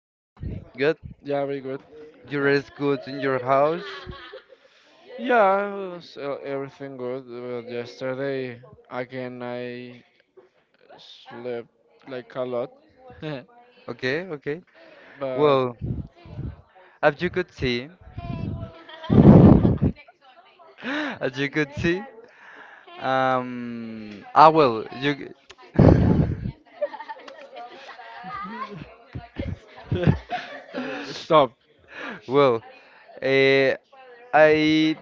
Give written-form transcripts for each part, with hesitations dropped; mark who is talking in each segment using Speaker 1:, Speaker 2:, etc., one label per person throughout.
Speaker 1: Good?
Speaker 2: Yeah, very good.
Speaker 1: You
Speaker 2: Uh,
Speaker 1: rest good in your house?
Speaker 2: Yeah, so everything good. Well, yesterday again I slept like a lot,
Speaker 1: Okay, okay.
Speaker 2: but
Speaker 1: Well, as you could see, as you could see, um, ah, well, you,
Speaker 2: stop.
Speaker 1: well, eh, I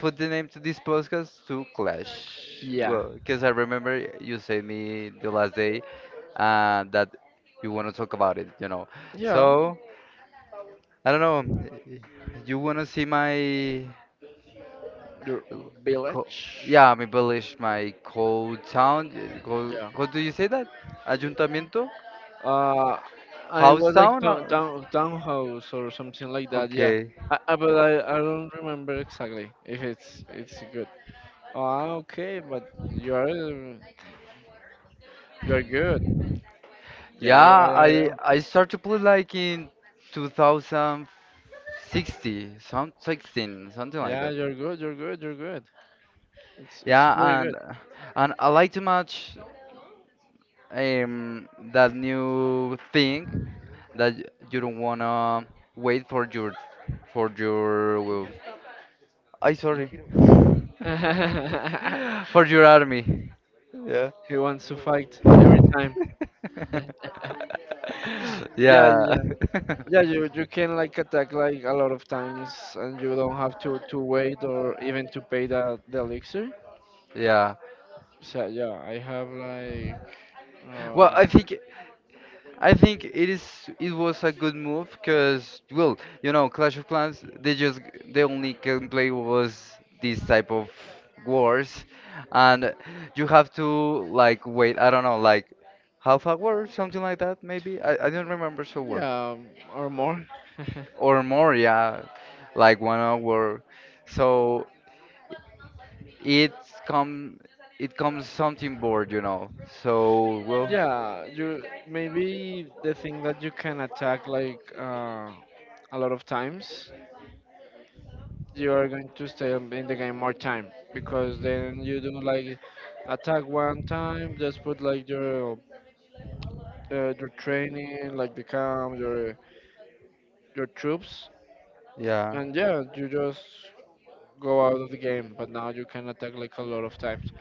Speaker 1: put the name to this podcast to Clash.
Speaker 2: Yeah,
Speaker 1: Well, because I remember you said me the last day that you want to talk about it.
Speaker 2: yeah.
Speaker 1: So, I don't know. You want to see my
Speaker 2: Your
Speaker 1: Co- co-
Speaker 2: village.
Speaker 1: yeah, mi village, my cold town.
Speaker 2: Yeah.
Speaker 1: What do you say that? Ayuntamiento?
Speaker 2: Uh, I
Speaker 1: House
Speaker 2: was like
Speaker 1: town?
Speaker 2: town town townhouse or something like that. Yeah.
Speaker 1: Okay.
Speaker 2: But I, don't remember exactly if it's good. Ah, okay, but you're you're good. Yeah, Yeah,
Speaker 1: Yeah,
Speaker 2: yeah, yeah, yeah.
Speaker 1: I started to play like in 2060, some 16, something like
Speaker 2: Yeah,
Speaker 1: that.
Speaker 2: you're good. You're good. You're good. It's yeah, pretty
Speaker 1: Yeah,
Speaker 2: good.
Speaker 1: and I like too much that new thing that you don't wanna wait for your for your I sorry for your army. Yeah.
Speaker 2: He wants to fight every time. yeah, yeah,
Speaker 1: yeah.
Speaker 2: yeah, yeah. You can like attack like a lot of times, and you don't have to wait or even to pay the elixir.
Speaker 1: yeah.
Speaker 2: So yeah, I have like
Speaker 1: Well,
Speaker 2: uh,
Speaker 1: I think it is it was a good move because well, you know, Clash of Clans they just the only gameplay was this type of wars and you have to like wait, I don't know, like half hour, something like that maybe. I don't remember so well.
Speaker 2: yeah or more.
Speaker 1: Or more, yeah, like 1 hour. So it's come, it comes something bored, you know. So well,
Speaker 2: Yeah, you maybe the thing that you can attack like a lot of times, you are going to in the game more time because then you do like attack one time, just put like your training, like the camp, your troops,
Speaker 1: yeah,
Speaker 2: and yeah, you just go out of the game. But now you can attack like a lot of times.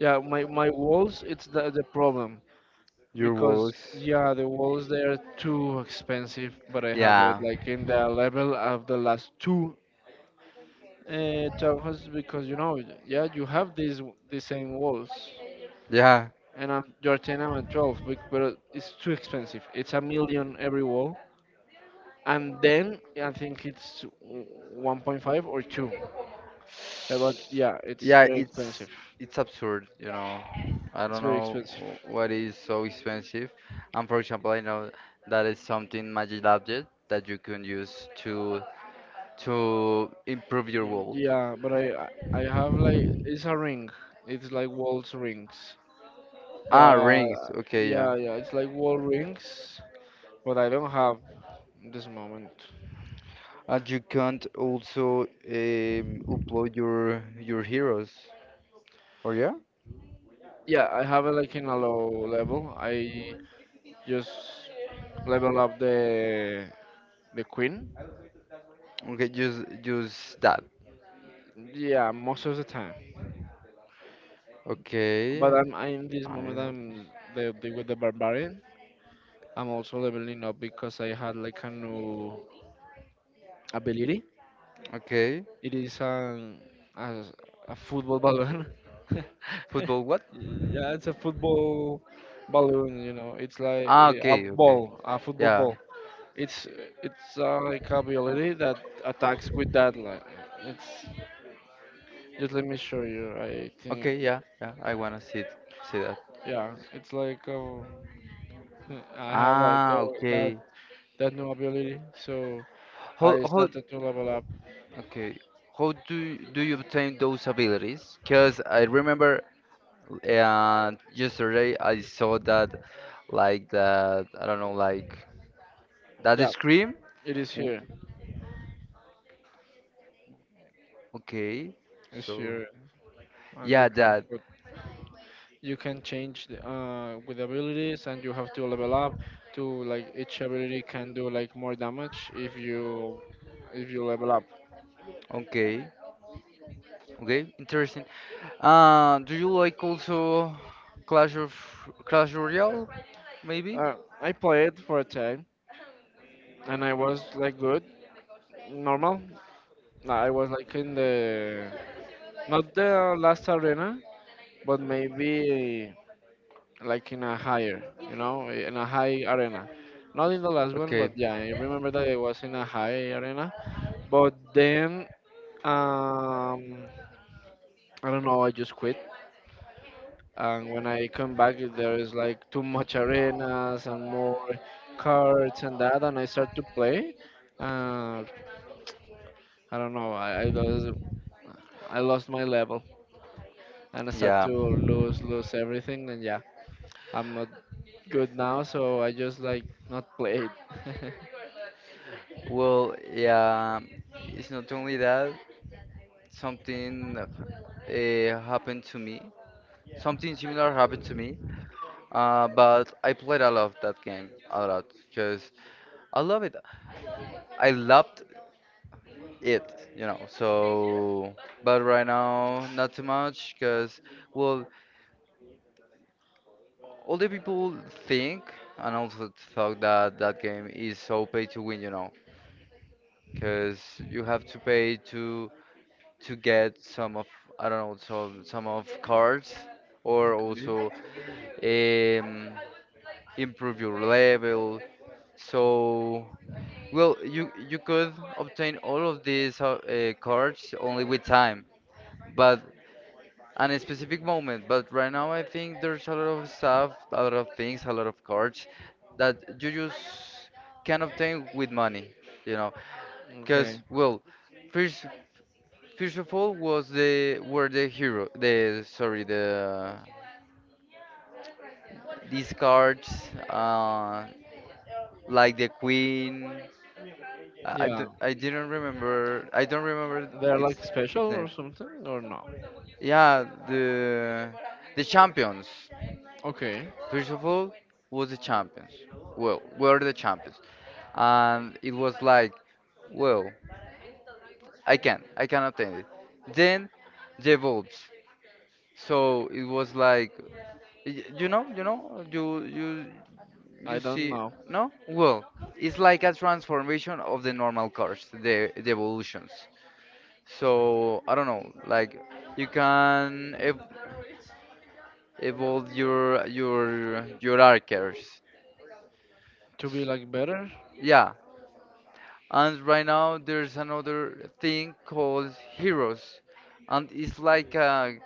Speaker 2: Yeah, my walls, it's the problem
Speaker 1: your
Speaker 2: because
Speaker 1: walls,
Speaker 2: yeah the walls they are too expensive but I have, yeah, it
Speaker 1: yeah,
Speaker 2: like in the level of the last two townhouses because you know yeah you have these the same walls,
Speaker 1: yeah,
Speaker 2: and I'm you're 10, I'm at 12 but it's too expensive. It's a million every wall, and then I think it's 1.5 or 2. But yeah, it's, yeah,
Speaker 1: yeah.
Speaker 2: very
Speaker 1: It's
Speaker 2: expensive.
Speaker 1: it's absurd, you know. I
Speaker 2: It's
Speaker 1: don't
Speaker 2: very
Speaker 1: know
Speaker 2: expensive.
Speaker 1: what is so expensive. And for example, I know that is something magic object that you can use to improve your world?
Speaker 2: Yeah, but I have like it's a ring. It's like walls rings.
Speaker 1: Ah,
Speaker 2: But
Speaker 1: rings. Okay, yeah.
Speaker 2: yeah, it's like wall rings, but I don't have in this moment.
Speaker 1: And you can't also upload your heroes, or yeah?
Speaker 2: Yeah, I have it like in a low level. I just level up the queen.
Speaker 1: Okay, just that.
Speaker 2: Yeah, most of the time.
Speaker 1: Okay.
Speaker 2: But in this
Speaker 1: I
Speaker 2: moment
Speaker 1: have this.
Speaker 2: I'm the with the barbarian. I'm also leveling up because I had like a new ability.
Speaker 1: Okay.
Speaker 2: It is a, a football balloon.
Speaker 1: Football what?
Speaker 2: Yeah, it's a football balloon. You know, it's like
Speaker 1: Ah,
Speaker 2: a
Speaker 1: okay, okay.
Speaker 2: ball, a football
Speaker 1: Yeah.
Speaker 2: ball. It's it's like a ability that attacks with that. Like, it's just let me show you. I think
Speaker 1: Okay, yeah, yeah. I wanna see it, see that.
Speaker 2: yeah, it's like I have like
Speaker 1: Ah,
Speaker 2: that
Speaker 1: okay.
Speaker 2: that new ability. So I
Speaker 1: How
Speaker 2: started to level up.
Speaker 1: okay? How do you obtain those abilities? Because I remember yesterday I saw that like that I don't know like that
Speaker 2: Yeah,
Speaker 1: scream.
Speaker 2: it is
Speaker 1: W-
Speaker 2: here.
Speaker 1: Okay,
Speaker 2: It's
Speaker 1: so
Speaker 2: here, and
Speaker 1: yeah, that
Speaker 2: you can change the, with abilities, and you have to level up to like each ability can do like more damage if you level up.
Speaker 1: okay, okay, interesting. Do you like also Clash of Clash Royale? Maybe.
Speaker 2: uh, I played for a time, and I was like good, normal. Nah, I was like in the, not the last arena, but maybe like in a higher, you know, in a high arena, not in the last one,
Speaker 1: Okay.
Speaker 2: but yeah, I remember that I was in a high arena. But then um I don't know, I just quit. And when I come back, there is like too much arenas and more cards and that, and I start to play. Uh, I don't know, lost, I lost my level and I start
Speaker 1: Yeah.
Speaker 2: to lose everything. And yeah, I'm not good now, so I just like not played.
Speaker 1: Well, yeah, it's not only that. Something uh, happened to me. Something similar happened to me. But I played a lot that game, a lot, because I love it. I loved it, you know. So, but right now, not too much, because well, all the people think and also thought that that game is so pay to win, you know. Because you have to pay to get some of I don't know some of cards or
Speaker 2: Okay.
Speaker 1: also um, improve your level. So well, you could obtain all of these cards only with time, but and a specific moment. But right now, I think there's a lot of stuff, a lot of things, a lot of cards that you just can obtain with money. You know,
Speaker 2: Okay,
Speaker 1: because well, first first of all, was the were the hero the sorry the these cards uh, like the queen. I, d-
Speaker 2: yeah,
Speaker 1: I didn't remember. I don't remember
Speaker 2: they're
Speaker 1: its
Speaker 2: like special
Speaker 1: its
Speaker 2: or
Speaker 1: name.
Speaker 2: something, or no?
Speaker 1: Yeah, the champions.
Speaker 2: Okay,
Speaker 1: First of all, was the champions. Well, were the champions, and it was like, well, I can obtain it. Then the vaults. So it was like. Y- You know, you know, you you
Speaker 2: I
Speaker 1: you
Speaker 2: don't
Speaker 1: see,
Speaker 2: know.
Speaker 1: no? Well, it's like a transformation of the normal cars, the evolutions. So I don't know, like you can ev evolve your your archers.
Speaker 2: To be like better.
Speaker 1: Yeah, and right now there's another thing called heroes, and it's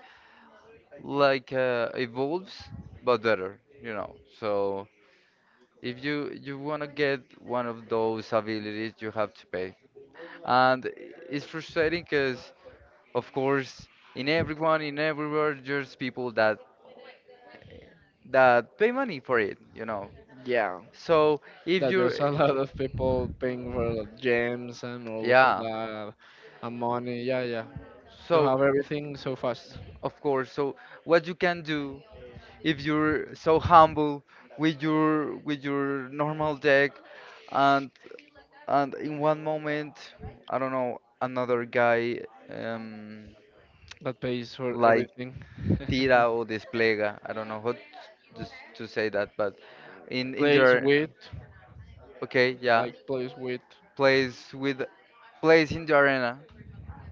Speaker 1: like a evolves but better, you know. So if you want to get one of those abilities, you have to pay. And it's frustrating because, of course, in everywhere, there's people that pay money for it, you know.
Speaker 2: Yeah.
Speaker 1: So if
Speaker 2: That
Speaker 1: you're,
Speaker 2: there's a lot of people paying for the gems and also
Speaker 1: yeah.
Speaker 2: the money. Yeah, yeah. To
Speaker 1: So
Speaker 2: have everything so fast
Speaker 1: of course, so what you can do if you're so humble with your normal deck, and and in one moment, I don't know, another guy um
Speaker 2: that pays for
Speaker 1: like
Speaker 2: everything.
Speaker 1: tira o despliega. I don't know how just to say that, but in the
Speaker 2: Plays with,
Speaker 1: okay, yeah,
Speaker 2: like, plays with.
Speaker 1: plays with plays in the arena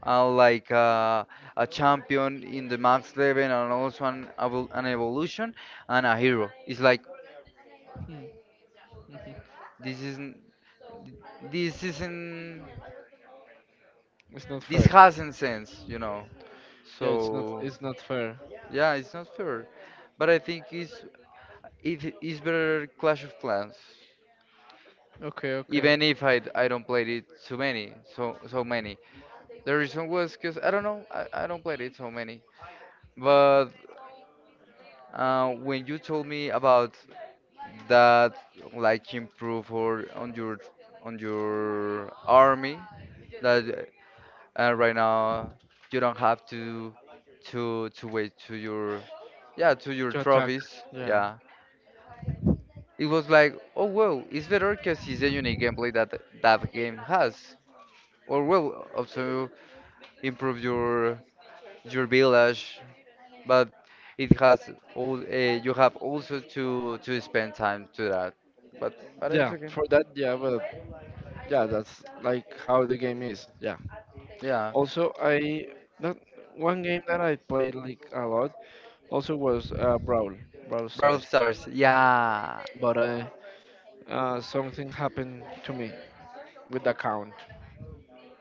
Speaker 1: and like a champion in the max level and also an evolution and a hero. It's like
Speaker 2: Hmm, mhm.
Speaker 1: this isn't this isn't
Speaker 2: It's not
Speaker 1: this
Speaker 2: fair.
Speaker 1: hasn't sense, you know.
Speaker 2: Yeah, it's not.
Speaker 1: So
Speaker 2: It's not fair.
Speaker 1: yeah, it's not fair, but I think it is better Clash of Clans.
Speaker 2: Okay, okay.
Speaker 1: Even if I don't play it too many so so many the reason was because I don't know I don't play it so many but when you told me about that like improve or on your army that right now you don't have to wait to your yeah to your
Speaker 2: To attack.
Speaker 1: trophies
Speaker 2: Yeah.
Speaker 1: yeah it was like oh well it's better because it's a unique gameplay that game has or well also improve your village, but it has all you have also to spend time to that. But but
Speaker 2: Yeah.
Speaker 1: it's okay.
Speaker 2: For that, yeah. Well. Yeah, that's like how the game is. Yeah,
Speaker 1: Yeah,
Speaker 2: also I that one game that I played like a lot also was brawl
Speaker 1: Brawl
Speaker 2: stars,
Speaker 1: Stars. Yeah,
Speaker 2: but something happened to me with the account.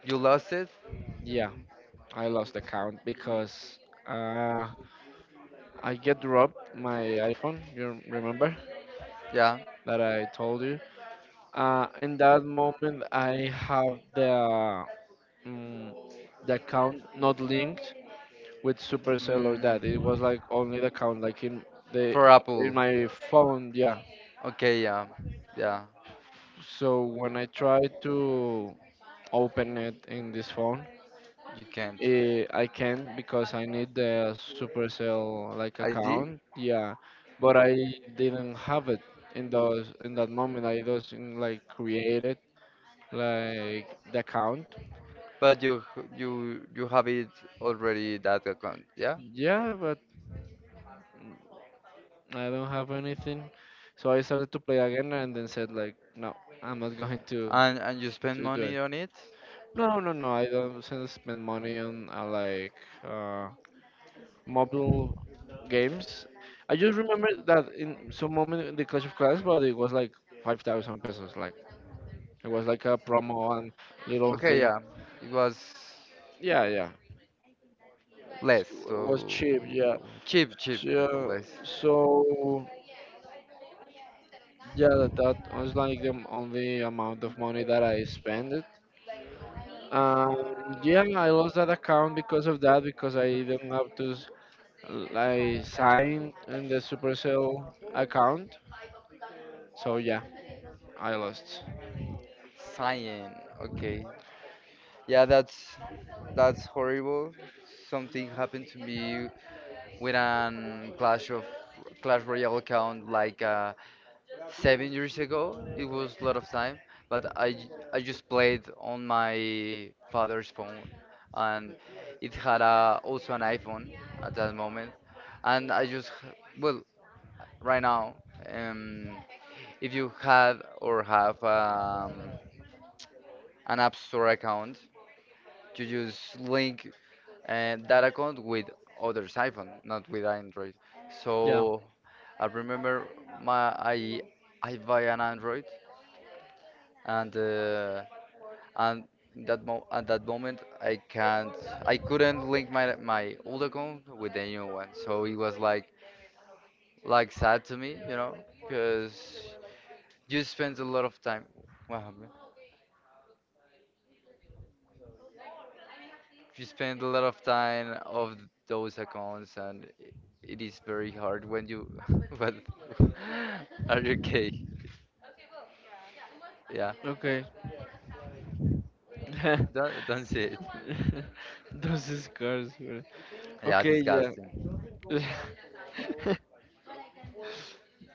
Speaker 1: you lost it.
Speaker 2: Yeah, I lost the account because uh I get robbed my iPhone. You remember
Speaker 1: Yeah,
Speaker 2: that I told you. In that moment I have um, the account not linked with Supercell or
Speaker 1: mm,
Speaker 2: that. It was like only the account like in the
Speaker 1: for
Speaker 2: in
Speaker 1: Apple.
Speaker 2: my phone, yeah.
Speaker 1: Okay, yeah, yeah,
Speaker 2: So when I try to open it in this phone,
Speaker 1: you can't.
Speaker 2: I can't because I need the Supercell like
Speaker 1: ID?
Speaker 2: account, yeah. But I didn't have it in those in that moment. I doesn't like create it, like the account,
Speaker 1: But you have it already that account, yeah?
Speaker 2: yeah. But I don't have anything. So I started to play again and then said like, no, I'm not going to.
Speaker 1: And you spend
Speaker 2: To do it.
Speaker 1: money on it?
Speaker 2: No, no, no. I don't spend money on like uh, mobile games. I just remember that in some moment in the Clash of Clans, but it was like 5,000 pesos. Like it was like a promo and little
Speaker 1: Okay,
Speaker 2: thing.
Speaker 1: yeah. It was
Speaker 2: Yeah, yeah.
Speaker 1: less,
Speaker 2: It
Speaker 1: so
Speaker 2: was cheap. Yeah.
Speaker 1: cheap, cheap,
Speaker 2: So,
Speaker 1: less.
Speaker 2: yeah. So yeah, that, that was like the only amount of money that I spent. Um, yeah, I lost that account because of that because I didn't have to like signed in the Supercell account. So yeah, I lost.
Speaker 1: Cyan, okay. Yeah, that's horrible. Something happened to me with an Clash Royale account like a 7 years ago. It was a lot of time, but I just played on my father's phone, and it had a, also an iPhone at that moment, and I just h- well right now um if you had or have an App Store account, you just link that account with others iPhone, not with Android.
Speaker 2: Yeah.
Speaker 1: So I remember my I buy an Android and and in that mo at that moment I couldn't link my my old account with the new one, so it was like sad to me, you know, because you spend a lot of time. Wow, man. You spend a lot of time of those accounts and it is very hard when you but are you okay yeah
Speaker 2: Okay.
Speaker 1: don't say it
Speaker 2: Those scars, man.
Speaker 1: yeah
Speaker 2: Okay. Yeah.
Speaker 1: disgusting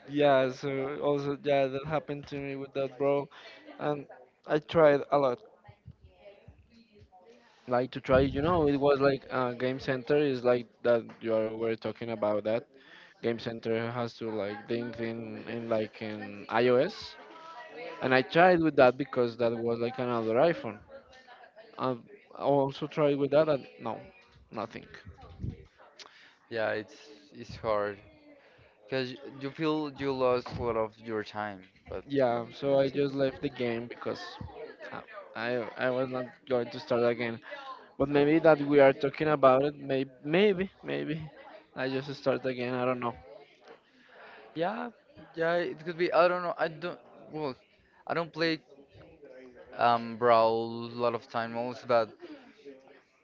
Speaker 2: Yeah. So also yeah, that happened to me with that, bro, and I tried a lot. Like to try, you know, it was like Game Center is like that. Were talking about that. Game Center has to like think in like in iOS. And I tried with that because that was like another iPhone. Um, I also tried with that, and no, nothing.
Speaker 1: yeah it's hard because you feel you lost a lot of your time, but
Speaker 2: Yeah, so I just left the game because uh, I was not going to start again. But maybe that we are talking about it, maybe maybe I just start again. I don't know.
Speaker 1: yeah, yeah, it could be. I don't know. I don't. Well, I don't play Brawl a lot of time also, but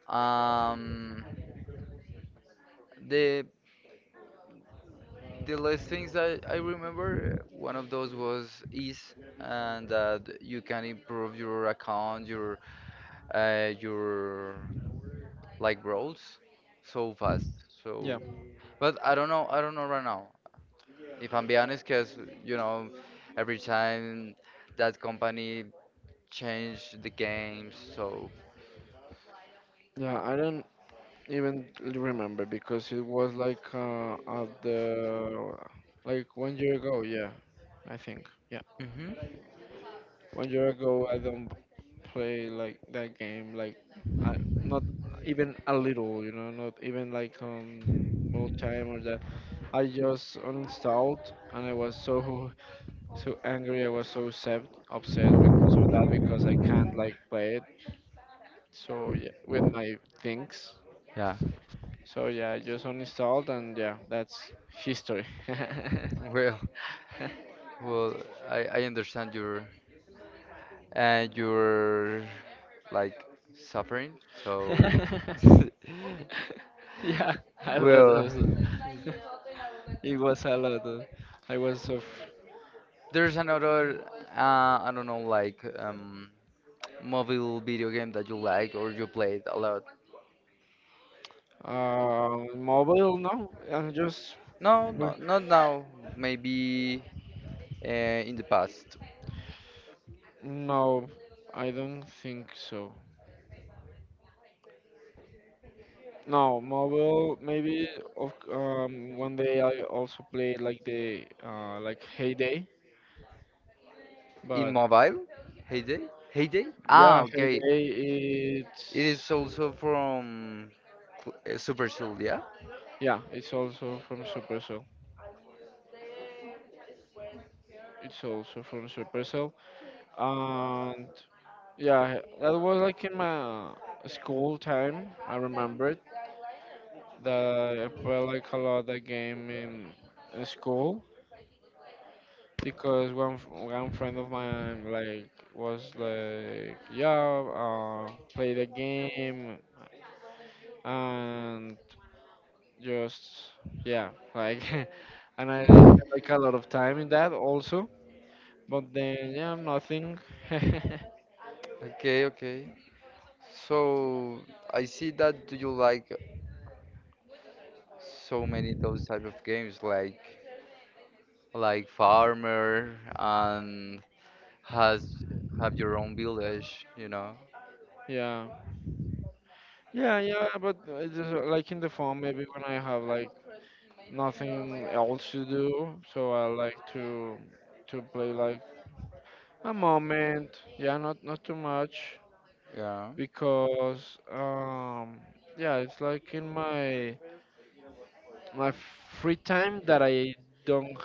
Speaker 1: um the the last things I remember one of those was ease and that you can improve your account, your like brawls so fast.
Speaker 2: Yeah.
Speaker 1: So, but I don't know. I don't know right now, if I'm being honest, because you know, every time that company changed the games, so
Speaker 2: Yeah,
Speaker 1: uh,
Speaker 2: I don't even remember because it was like at the like one year ago. Yeah, I think. Yeah,
Speaker 1: hmm
Speaker 2: one year ago. I don't play like that game like I, not even a little, you know, not even like more time or that. I just uninstalled and I was so so angry. I was so upset because of that because I can't like play it. So yeah, with my things.
Speaker 1: yeah.
Speaker 2: So yeah, I just uninstalled and yeah, that's history.
Speaker 1: Well, well, I understand your and your like suffering. So,
Speaker 2: Yeah, I lot
Speaker 1: well,
Speaker 2: of. It was a lot. Of, I was of
Speaker 1: there's another I don't know like mobile video game that you like or you played a lot.
Speaker 2: mobile. No, I just,
Speaker 1: No,
Speaker 2: well,
Speaker 1: no, not now. Maybe uh, in the past.
Speaker 2: no. I don't think so. No, mobile. Maybe of one day I also played like the like Heyday,
Speaker 1: In
Speaker 2: but
Speaker 1: mobile? Heyday? Heyday? Ah,
Speaker 2: yeah,
Speaker 1: okay.
Speaker 2: Heyday.
Speaker 1: It is
Speaker 2: It's
Speaker 1: also from Super Shield, yeah?
Speaker 2: yeah, it's also from Supercell. It's also from Supercell, and yeah, that was like in my school time. I remembered that I played like a lot that game in school because one friend of mine like was like, yeah, play the game and just yeah, like, and I spent like a lot of time in that also. But then yeah, nothing.
Speaker 1: Okay, okay. So I see that you like so many those type of games like farmer and has have your own village, you know?
Speaker 2: Yeah. Yeah, yeah, but just like in the phone, maybe when I have like nothing else to do, so I like to play like a moment. Yeah, not not too much
Speaker 1: Yeah.
Speaker 2: because yeah, it's like in my my free time that I don't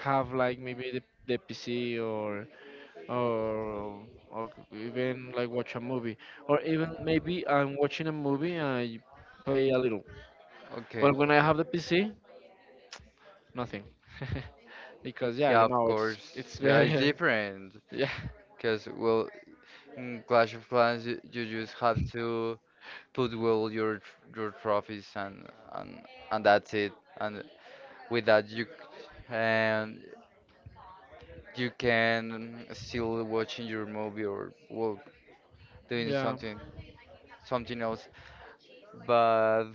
Speaker 2: have like maybe the PC or or even like watch a movie, or even maybe I'm watching a movie and I play a little.
Speaker 1: Okay.
Speaker 2: But when I have the PC, nothing. Because yeah,
Speaker 1: Yeah,
Speaker 2: you
Speaker 1: of
Speaker 2: know,
Speaker 1: course.
Speaker 2: it's
Speaker 1: Yeah, it's
Speaker 2: better.
Speaker 1: different.
Speaker 2: Yeah.
Speaker 1: Because well, in Clash of Clans, you just have to put well your your trophies and and and that's it. And with that, and you can still watching your movie or well doing
Speaker 2: Yeah.
Speaker 1: something something else. But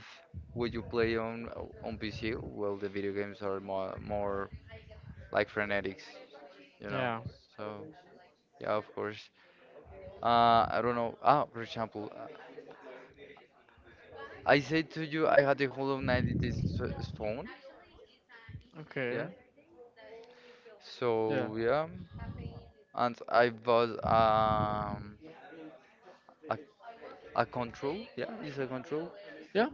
Speaker 1: would you play on PC? Well, the video games are more like frenetics, you know.
Speaker 2: Yeah.
Speaker 1: So yeah, of course. I don't know. Ah, for example. I said to you, I had a Hollow Knight in this phone. Yeah.
Speaker 2: Okay. Yeah.
Speaker 1: So yeah, and I bought a a control. Yeah, it's a control
Speaker 2: Yeah.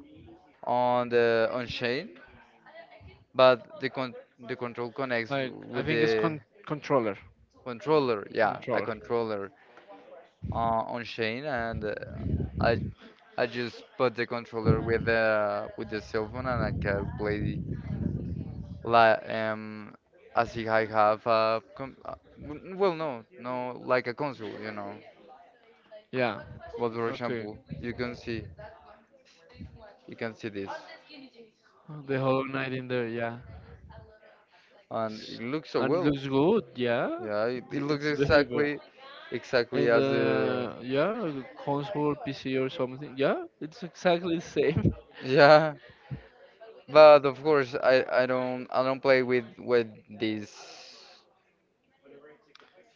Speaker 1: on the on chain, but the control connects
Speaker 2: Like I
Speaker 1: with
Speaker 2: think it's
Speaker 1: the
Speaker 2: controller.
Speaker 1: controller. Yeah, a
Speaker 2: Controller.
Speaker 1: controller on chain, and I I just put the controller with the cell phone, and I can play like as if I have a com w- well no no like a console, you know,
Speaker 2: Yeah.
Speaker 1: but for
Speaker 2: Okay.
Speaker 1: example you can see this
Speaker 2: Oh, The Hollow Knight in there, yeah.
Speaker 1: and it looks so
Speaker 2: And it
Speaker 1: well,
Speaker 2: looks good, yeah.
Speaker 1: yeah, it looks
Speaker 2: It's very good.
Speaker 1: exactly exactly
Speaker 2: And
Speaker 1: as
Speaker 2: yeah, the console, PC or something. Yeah, it's exactly the same.
Speaker 1: yeah but of course I don't I don't play with these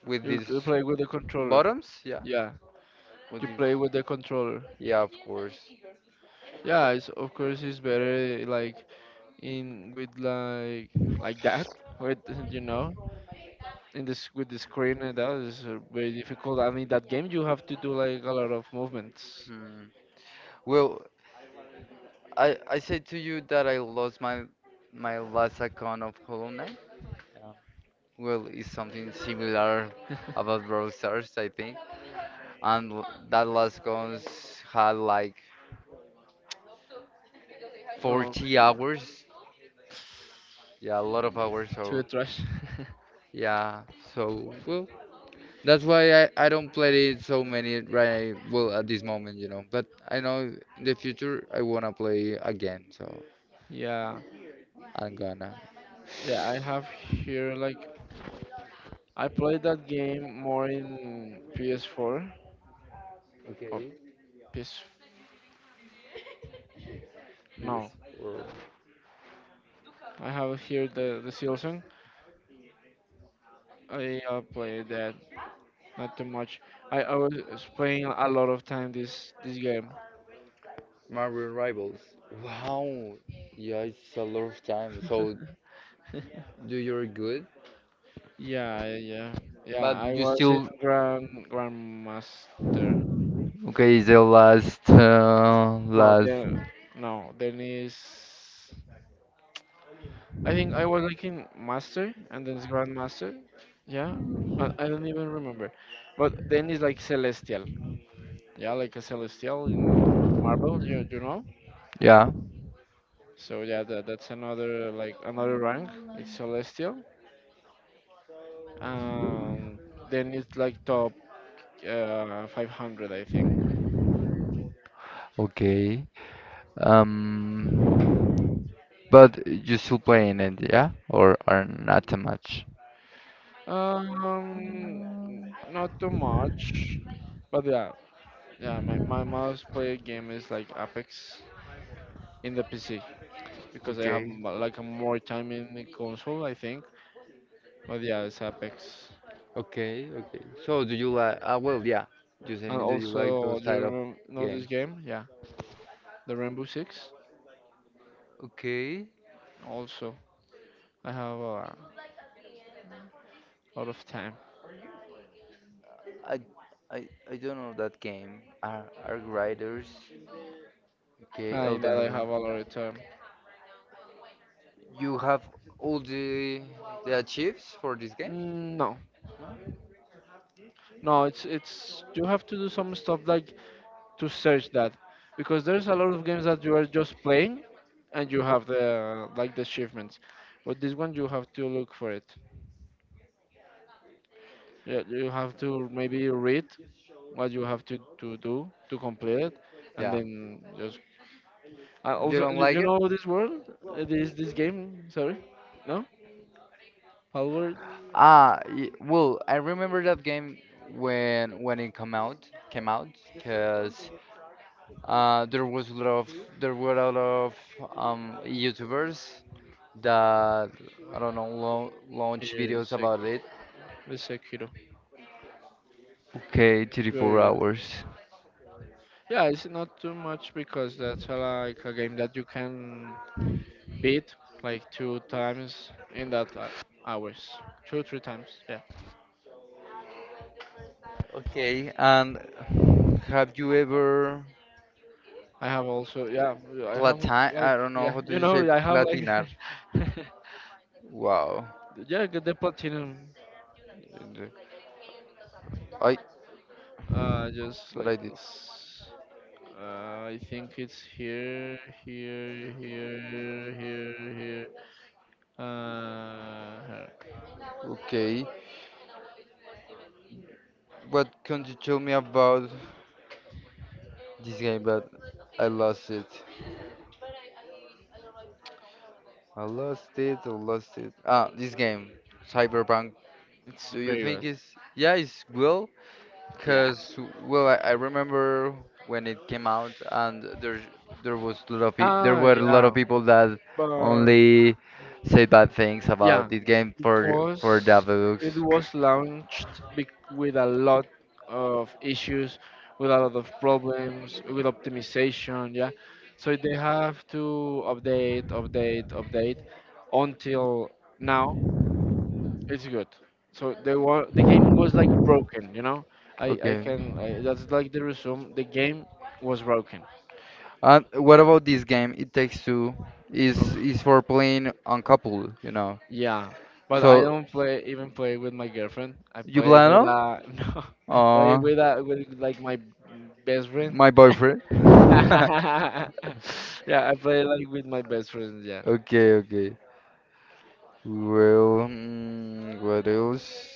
Speaker 1: with these
Speaker 2: Play with the controller.
Speaker 1: bottoms yeah
Speaker 2: Yeah,
Speaker 1: with
Speaker 2: you
Speaker 1: these,
Speaker 2: play with the controller.
Speaker 1: yeah of course
Speaker 2: Yeah, it's, of course it's better like in with like that with you know in this with the screen and that is very difficult. And in that game you have to do like a lot of movements.
Speaker 1: hmm. Well I said to you that I lost my my last account of Hollow Knight. Yeah. Well, it's something similar about Brawl Stars, I think. And that last guns had like
Speaker 2: Oh,
Speaker 1: 40 hours. Yeah, a lot of hours.
Speaker 2: to the
Speaker 1: So
Speaker 2: trash.
Speaker 1: yeah, so well, that's why I don't play it so many right well at this moment, you know. But I know in the future I wanna play again, so
Speaker 2: Yeah,
Speaker 1: I'm gonna.
Speaker 2: yeah. I have here like I played that game more in PS4 or
Speaker 1: Okay.
Speaker 2: PS. No,
Speaker 1: PS4.
Speaker 2: I have here the Silson. I played that. Not too much. I was playing a lot of time this game.
Speaker 1: Marvel Rivals. Wow. Yeah, it's a lot of time. So, do you're good,
Speaker 2: Yeah, yeah, yeah.
Speaker 1: but
Speaker 2: I
Speaker 1: you
Speaker 2: was in
Speaker 1: still
Speaker 2: Grandmaster.
Speaker 1: okay,
Speaker 2: No, then no, then is. I think I was like in Master and then it's Grandmaster. Yeah, I don't even remember. But then it's like Celestial. Yeah, like a Celestial in Marvel. You know.
Speaker 1: yeah,
Speaker 2: So yeah, that, that's another like another rank. It's Celestial. Um, then it's like top 500, I think.
Speaker 1: okay. Um, but you still playing it, yeah, or are not too much?
Speaker 2: Um, Not too much, but yeah, yeah. My most played game is like Apex in the PC because I have
Speaker 1: Okay,
Speaker 2: like more time in the console, I think. But yeah, it's Apex.
Speaker 1: okay, okay. So, do you like? Ah, well, yeah. You say
Speaker 2: And
Speaker 1: me, do you like
Speaker 2: also,
Speaker 1: those
Speaker 2: do
Speaker 1: type
Speaker 2: you
Speaker 1: of
Speaker 2: know this
Speaker 1: games?
Speaker 2: game? Yeah, the Rainbow Six.
Speaker 1: Okay.
Speaker 2: Also, I have a lot of time.
Speaker 1: I, I don't know that game. Are Riders? Okay,
Speaker 2: In that,
Speaker 1: Elden
Speaker 2: I
Speaker 1: Ring.
Speaker 2: have a lot of time.
Speaker 1: You have all the achieves for this game?
Speaker 2: Mm, No,
Speaker 1: No?
Speaker 2: no, it's you have to do some stuff like to search that because there's a lot of games that you are just playing and you have the like the achievements but this one you have to look for it. Yeah, you have to maybe read what you have to do to complete it and
Speaker 1: Yeah.
Speaker 2: then just
Speaker 1: You
Speaker 2: also
Speaker 1: don't like
Speaker 2: you
Speaker 1: it?
Speaker 2: know this world. This game, sorry, no, Palworld.
Speaker 1: Ah, well, I remember that game when it come out came out because there was a lot of there were a lot of YouTubers that I don't know launch
Speaker 2: Yeah,
Speaker 1: videos about it.
Speaker 2: The Sekiro,
Speaker 1: Okay,
Speaker 2: very
Speaker 1: 34
Speaker 2: good.
Speaker 1: hours.
Speaker 2: Yeah, it's not too much because that's like a game that you can beat like two times in that hours, two three times. Yeah,
Speaker 1: Okay, and have you ever?
Speaker 2: I have also, yeah, I have
Speaker 1: Platine,
Speaker 2: like,
Speaker 1: I don't know,
Speaker 2: yeah,
Speaker 1: how do
Speaker 2: you
Speaker 1: you
Speaker 2: know,
Speaker 1: say
Speaker 2: I have like
Speaker 1: platinar? Wow.
Speaker 2: yeah, get the platinum
Speaker 1: I,
Speaker 2: just
Speaker 1: what
Speaker 2: like
Speaker 1: I did.
Speaker 2: this. I think it's here, here, here, here, here. Here.
Speaker 1: Okay. What can you tell me about this game? But I lost it. I lost it. I lost it. Ah, this game, Cyberpunk.
Speaker 2: It's
Speaker 1: Do you
Speaker 2: very good.
Speaker 1: think it's yeah, it's well
Speaker 2: Yeah.
Speaker 1: cause well, I remember when it came out, and there was a lot of peop there
Speaker 2: Ah,
Speaker 1: were a lot
Speaker 2: yeah.
Speaker 1: of people that
Speaker 2: But
Speaker 1: only said bad things
Speaker 2: yeah,
Speaker 1: about this game for
Speaker 2: cause
Speaker 1: Davedux.
Speaker 2: it was launched with a lot of issues, with a lot of problems, with optimization. Yeah, so they have to update, update, update until now. It's good. So they were the game was like broken. You know,
Speaker 1: Okay.
Speaker 2: that's like the resume. The game was broken.
Speaker 1: And what about this game? It Takes Two
Speaker 2: Oof.
Speaker 1: is for playing uncoupled, you know.
Speaker 2: Yeah, but I
Speaker 1: So
Speaker 2: don't play even play with my girlfriend. I
Speaker 1: you
Speaker 2: play
Speaker 1: play
Speaker 2: with
Speaker 1: alone?
Speaker 2: no, I play
Speaker 1: Oh,
Speaker 2: with like my best friend.
Speaker 1: my boyfriend.
Speaker 2: Yeah, I play like with my best friends. Yeah,
Speaker 1: Okay, okay. Well, mm, what else?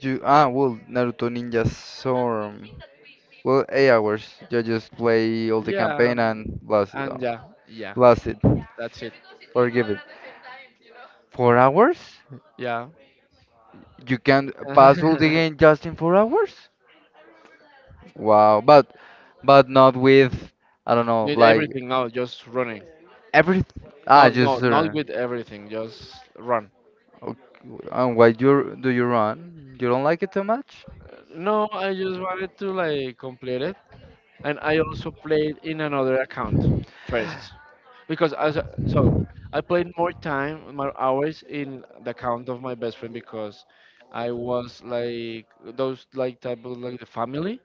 Speaker 1: You ah well, Naruto Ninja Storm. Well, 8 hours. You just play all the
Speaker 2: yeah,
Speaker 1: campaign and blast it,
Speaker 2: and yeah, yeah,
Speaker 1: last it
Speaker 2: that's it.
Speaker 1: or give it. 4 hours?
Speaker 2: Yeah,
Speaker 1: You can pass all the game just in 4 hours? Wow, but not with I don't know
Speaker 2: need
Speaker 1: like
Speaker 2: everything now. Just running.
Speaker 1: every. Ah,
Speaker 2: Not, no,
Speaker 1: just
Speaker 2: not with everything. Just run.
Speaker 1: okay. And why do you run? You don't like it too much?
Speaker 2: No, I just wanted to like complete it, and I also played in another account first. So I played more time, more hours in the account of my best friend because I was like those like type of like the family,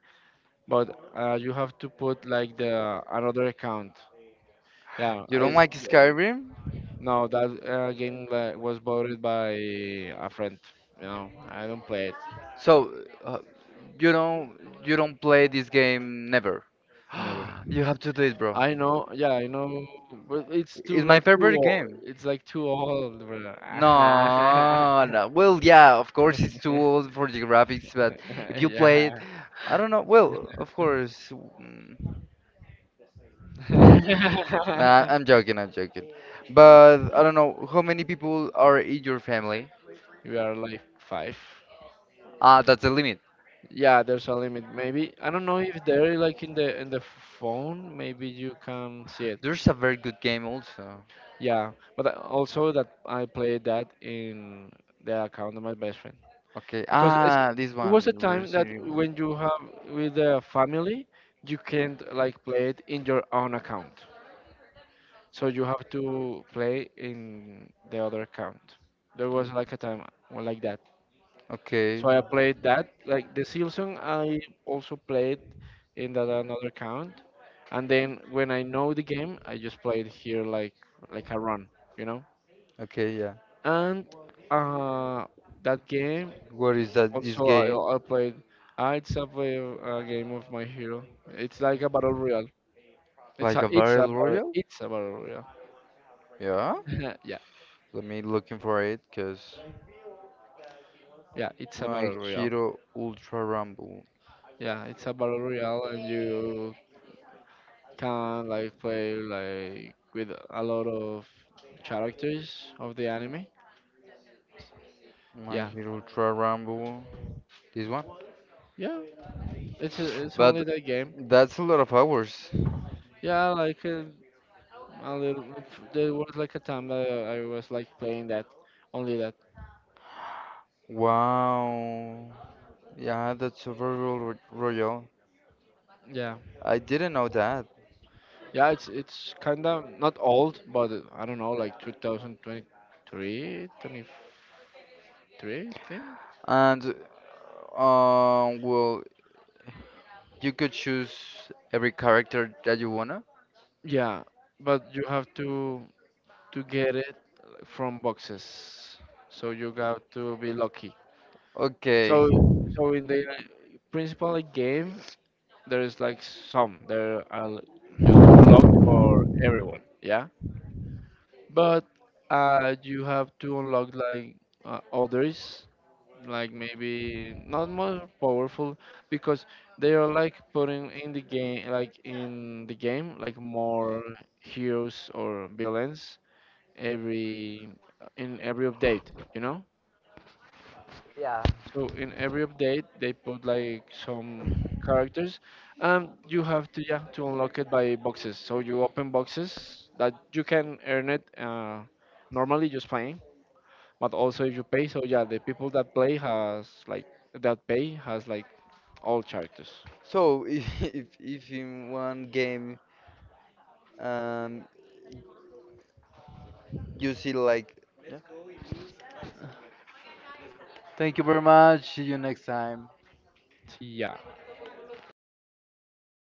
Speaker 2: but you have to put like the another account. Yeah,
Speaker 1: You don't
Speaker 2: it's,
Speaker 1: like Skyrim?
Speaker 2: no, that game like, was borrowed by a friend. You know, I don't play it.
Speaker 1: So, uh, you don't you don't play this game never.
Speaker 2: Never.
Speaker 1: You have to do it, bro.
Speaker 2: I know. Yeah, I know. But it's too
Speaker 1: It's my
Speaker 2: like too
Speaker 1: favorite
Speaker 2: old.
Speaker 1: game.
Speaker 2: It's like too old, bro.
Speaker 1: No, no. Well, yeah, of course it's too old for the graphics, but if you play it,
Speaker 2: yeah.
Speaker 1: I don't know. Well, of course. Mm. Nah, I'm joking. I'm joking. But I don't know how many people are in your family.
Speaker 2: We are like five.
Speaker 1: Ah, that's the limit.
Speaker 2: Yeah, there's a limit. Maybe I don't know if they're like in the phone. Maybe you can see it.
Speaker 1: There's a very good game also.
Speaker 2: Yeah, but also that I played that in the account of my best friend
Speaker 1: Okay.
Speaker 2: because
Speaker 1: Ah, this
Speaker 2: it was a
Speaker 1: one,
Speaker 2: time that
Speaker 1: Resident Evil.
Speaker 2: when you have with the family, you can't like play it in your own account. So you have to play in the other account. There was like a time like that.
Speaker 1: Okay.
Speaker 2: So I played that. Like the Silson, I also played in that another account. And then when I know the game, I just played here like a run, you know.
Speaker 1: Okay, yeah.
Speaker 2: And uh, that game
Speaker 1: What is that? This
Speaker 2: also
Speaker 1: game
Speaker 2: I played. It's a, play, a game of my hero. It's like a battle royale. It's
Speaker 1: like
Speaker 2: a
Speaker 1: a
Speaker 2: it's a
Speaker 1: battle
Speaker 2: battle
Speaker 1: royale?
Speaker 2: it's a battle royale.
Speaker 1: Yeah.
Speaker 2: Yeah,
Speaker 1: Let me looking for it, cause
Speaker 2: yeah, it's a
Speaker 1: My
Speaker 2: battle royale.
Speaker 1: Hero Ultra Rumble.
Speaker 2: Yeah, it's a battle royale, and you can like play like with a lot of characters of the anime.
Speaker 1: My
Speaker 2: Yeah,
Speaker 1: Hero Ultra Rumble. This one?
Speaker 2: yeah. It's only
Speaker 1: But
Speaker 2: that game.
Speaker 1: that's a lot of hours.
Speaker 2: Yeah, like a little. There was like a time that I was like playing that, only that.
Speaker 1: Wow. Yeah, that's a battle royale.
Speaker 2: Yeah,
Speaker 1: I didn't know that.
Speaker 2: yeah. It's kind of not old, but I don't know, like 2023, 23, twenty-three, I think.
Speaker 1: And well, you could choose every character that you wanna.
Speaker 2: Yeah, but you have to get it from boxes, so you got to be lucky.
Speaker 1: Okay.
Speaker 2: So so in the principal game, there is like some there are l- just unlocked for everyone, yeah. But you have to unlock like others, like maybe not more powerful because they are like putting in the game, like in the game, like more heroes or villains every in every update, you know.
Speaker 1: Yeah.
Speaker 2: So in every update, they put like some characters, and you have to yeah to unlock it by boxes. So you open boxes that you can earn it normally just playing, but also if you pay. So yeah, the people that play has like that pay has like all characters.
Speaker 1: So if if in one game um you see like yeah, thank you very much. See you next time.
Speaker 2: So yeah.
Speaker 1: See ya.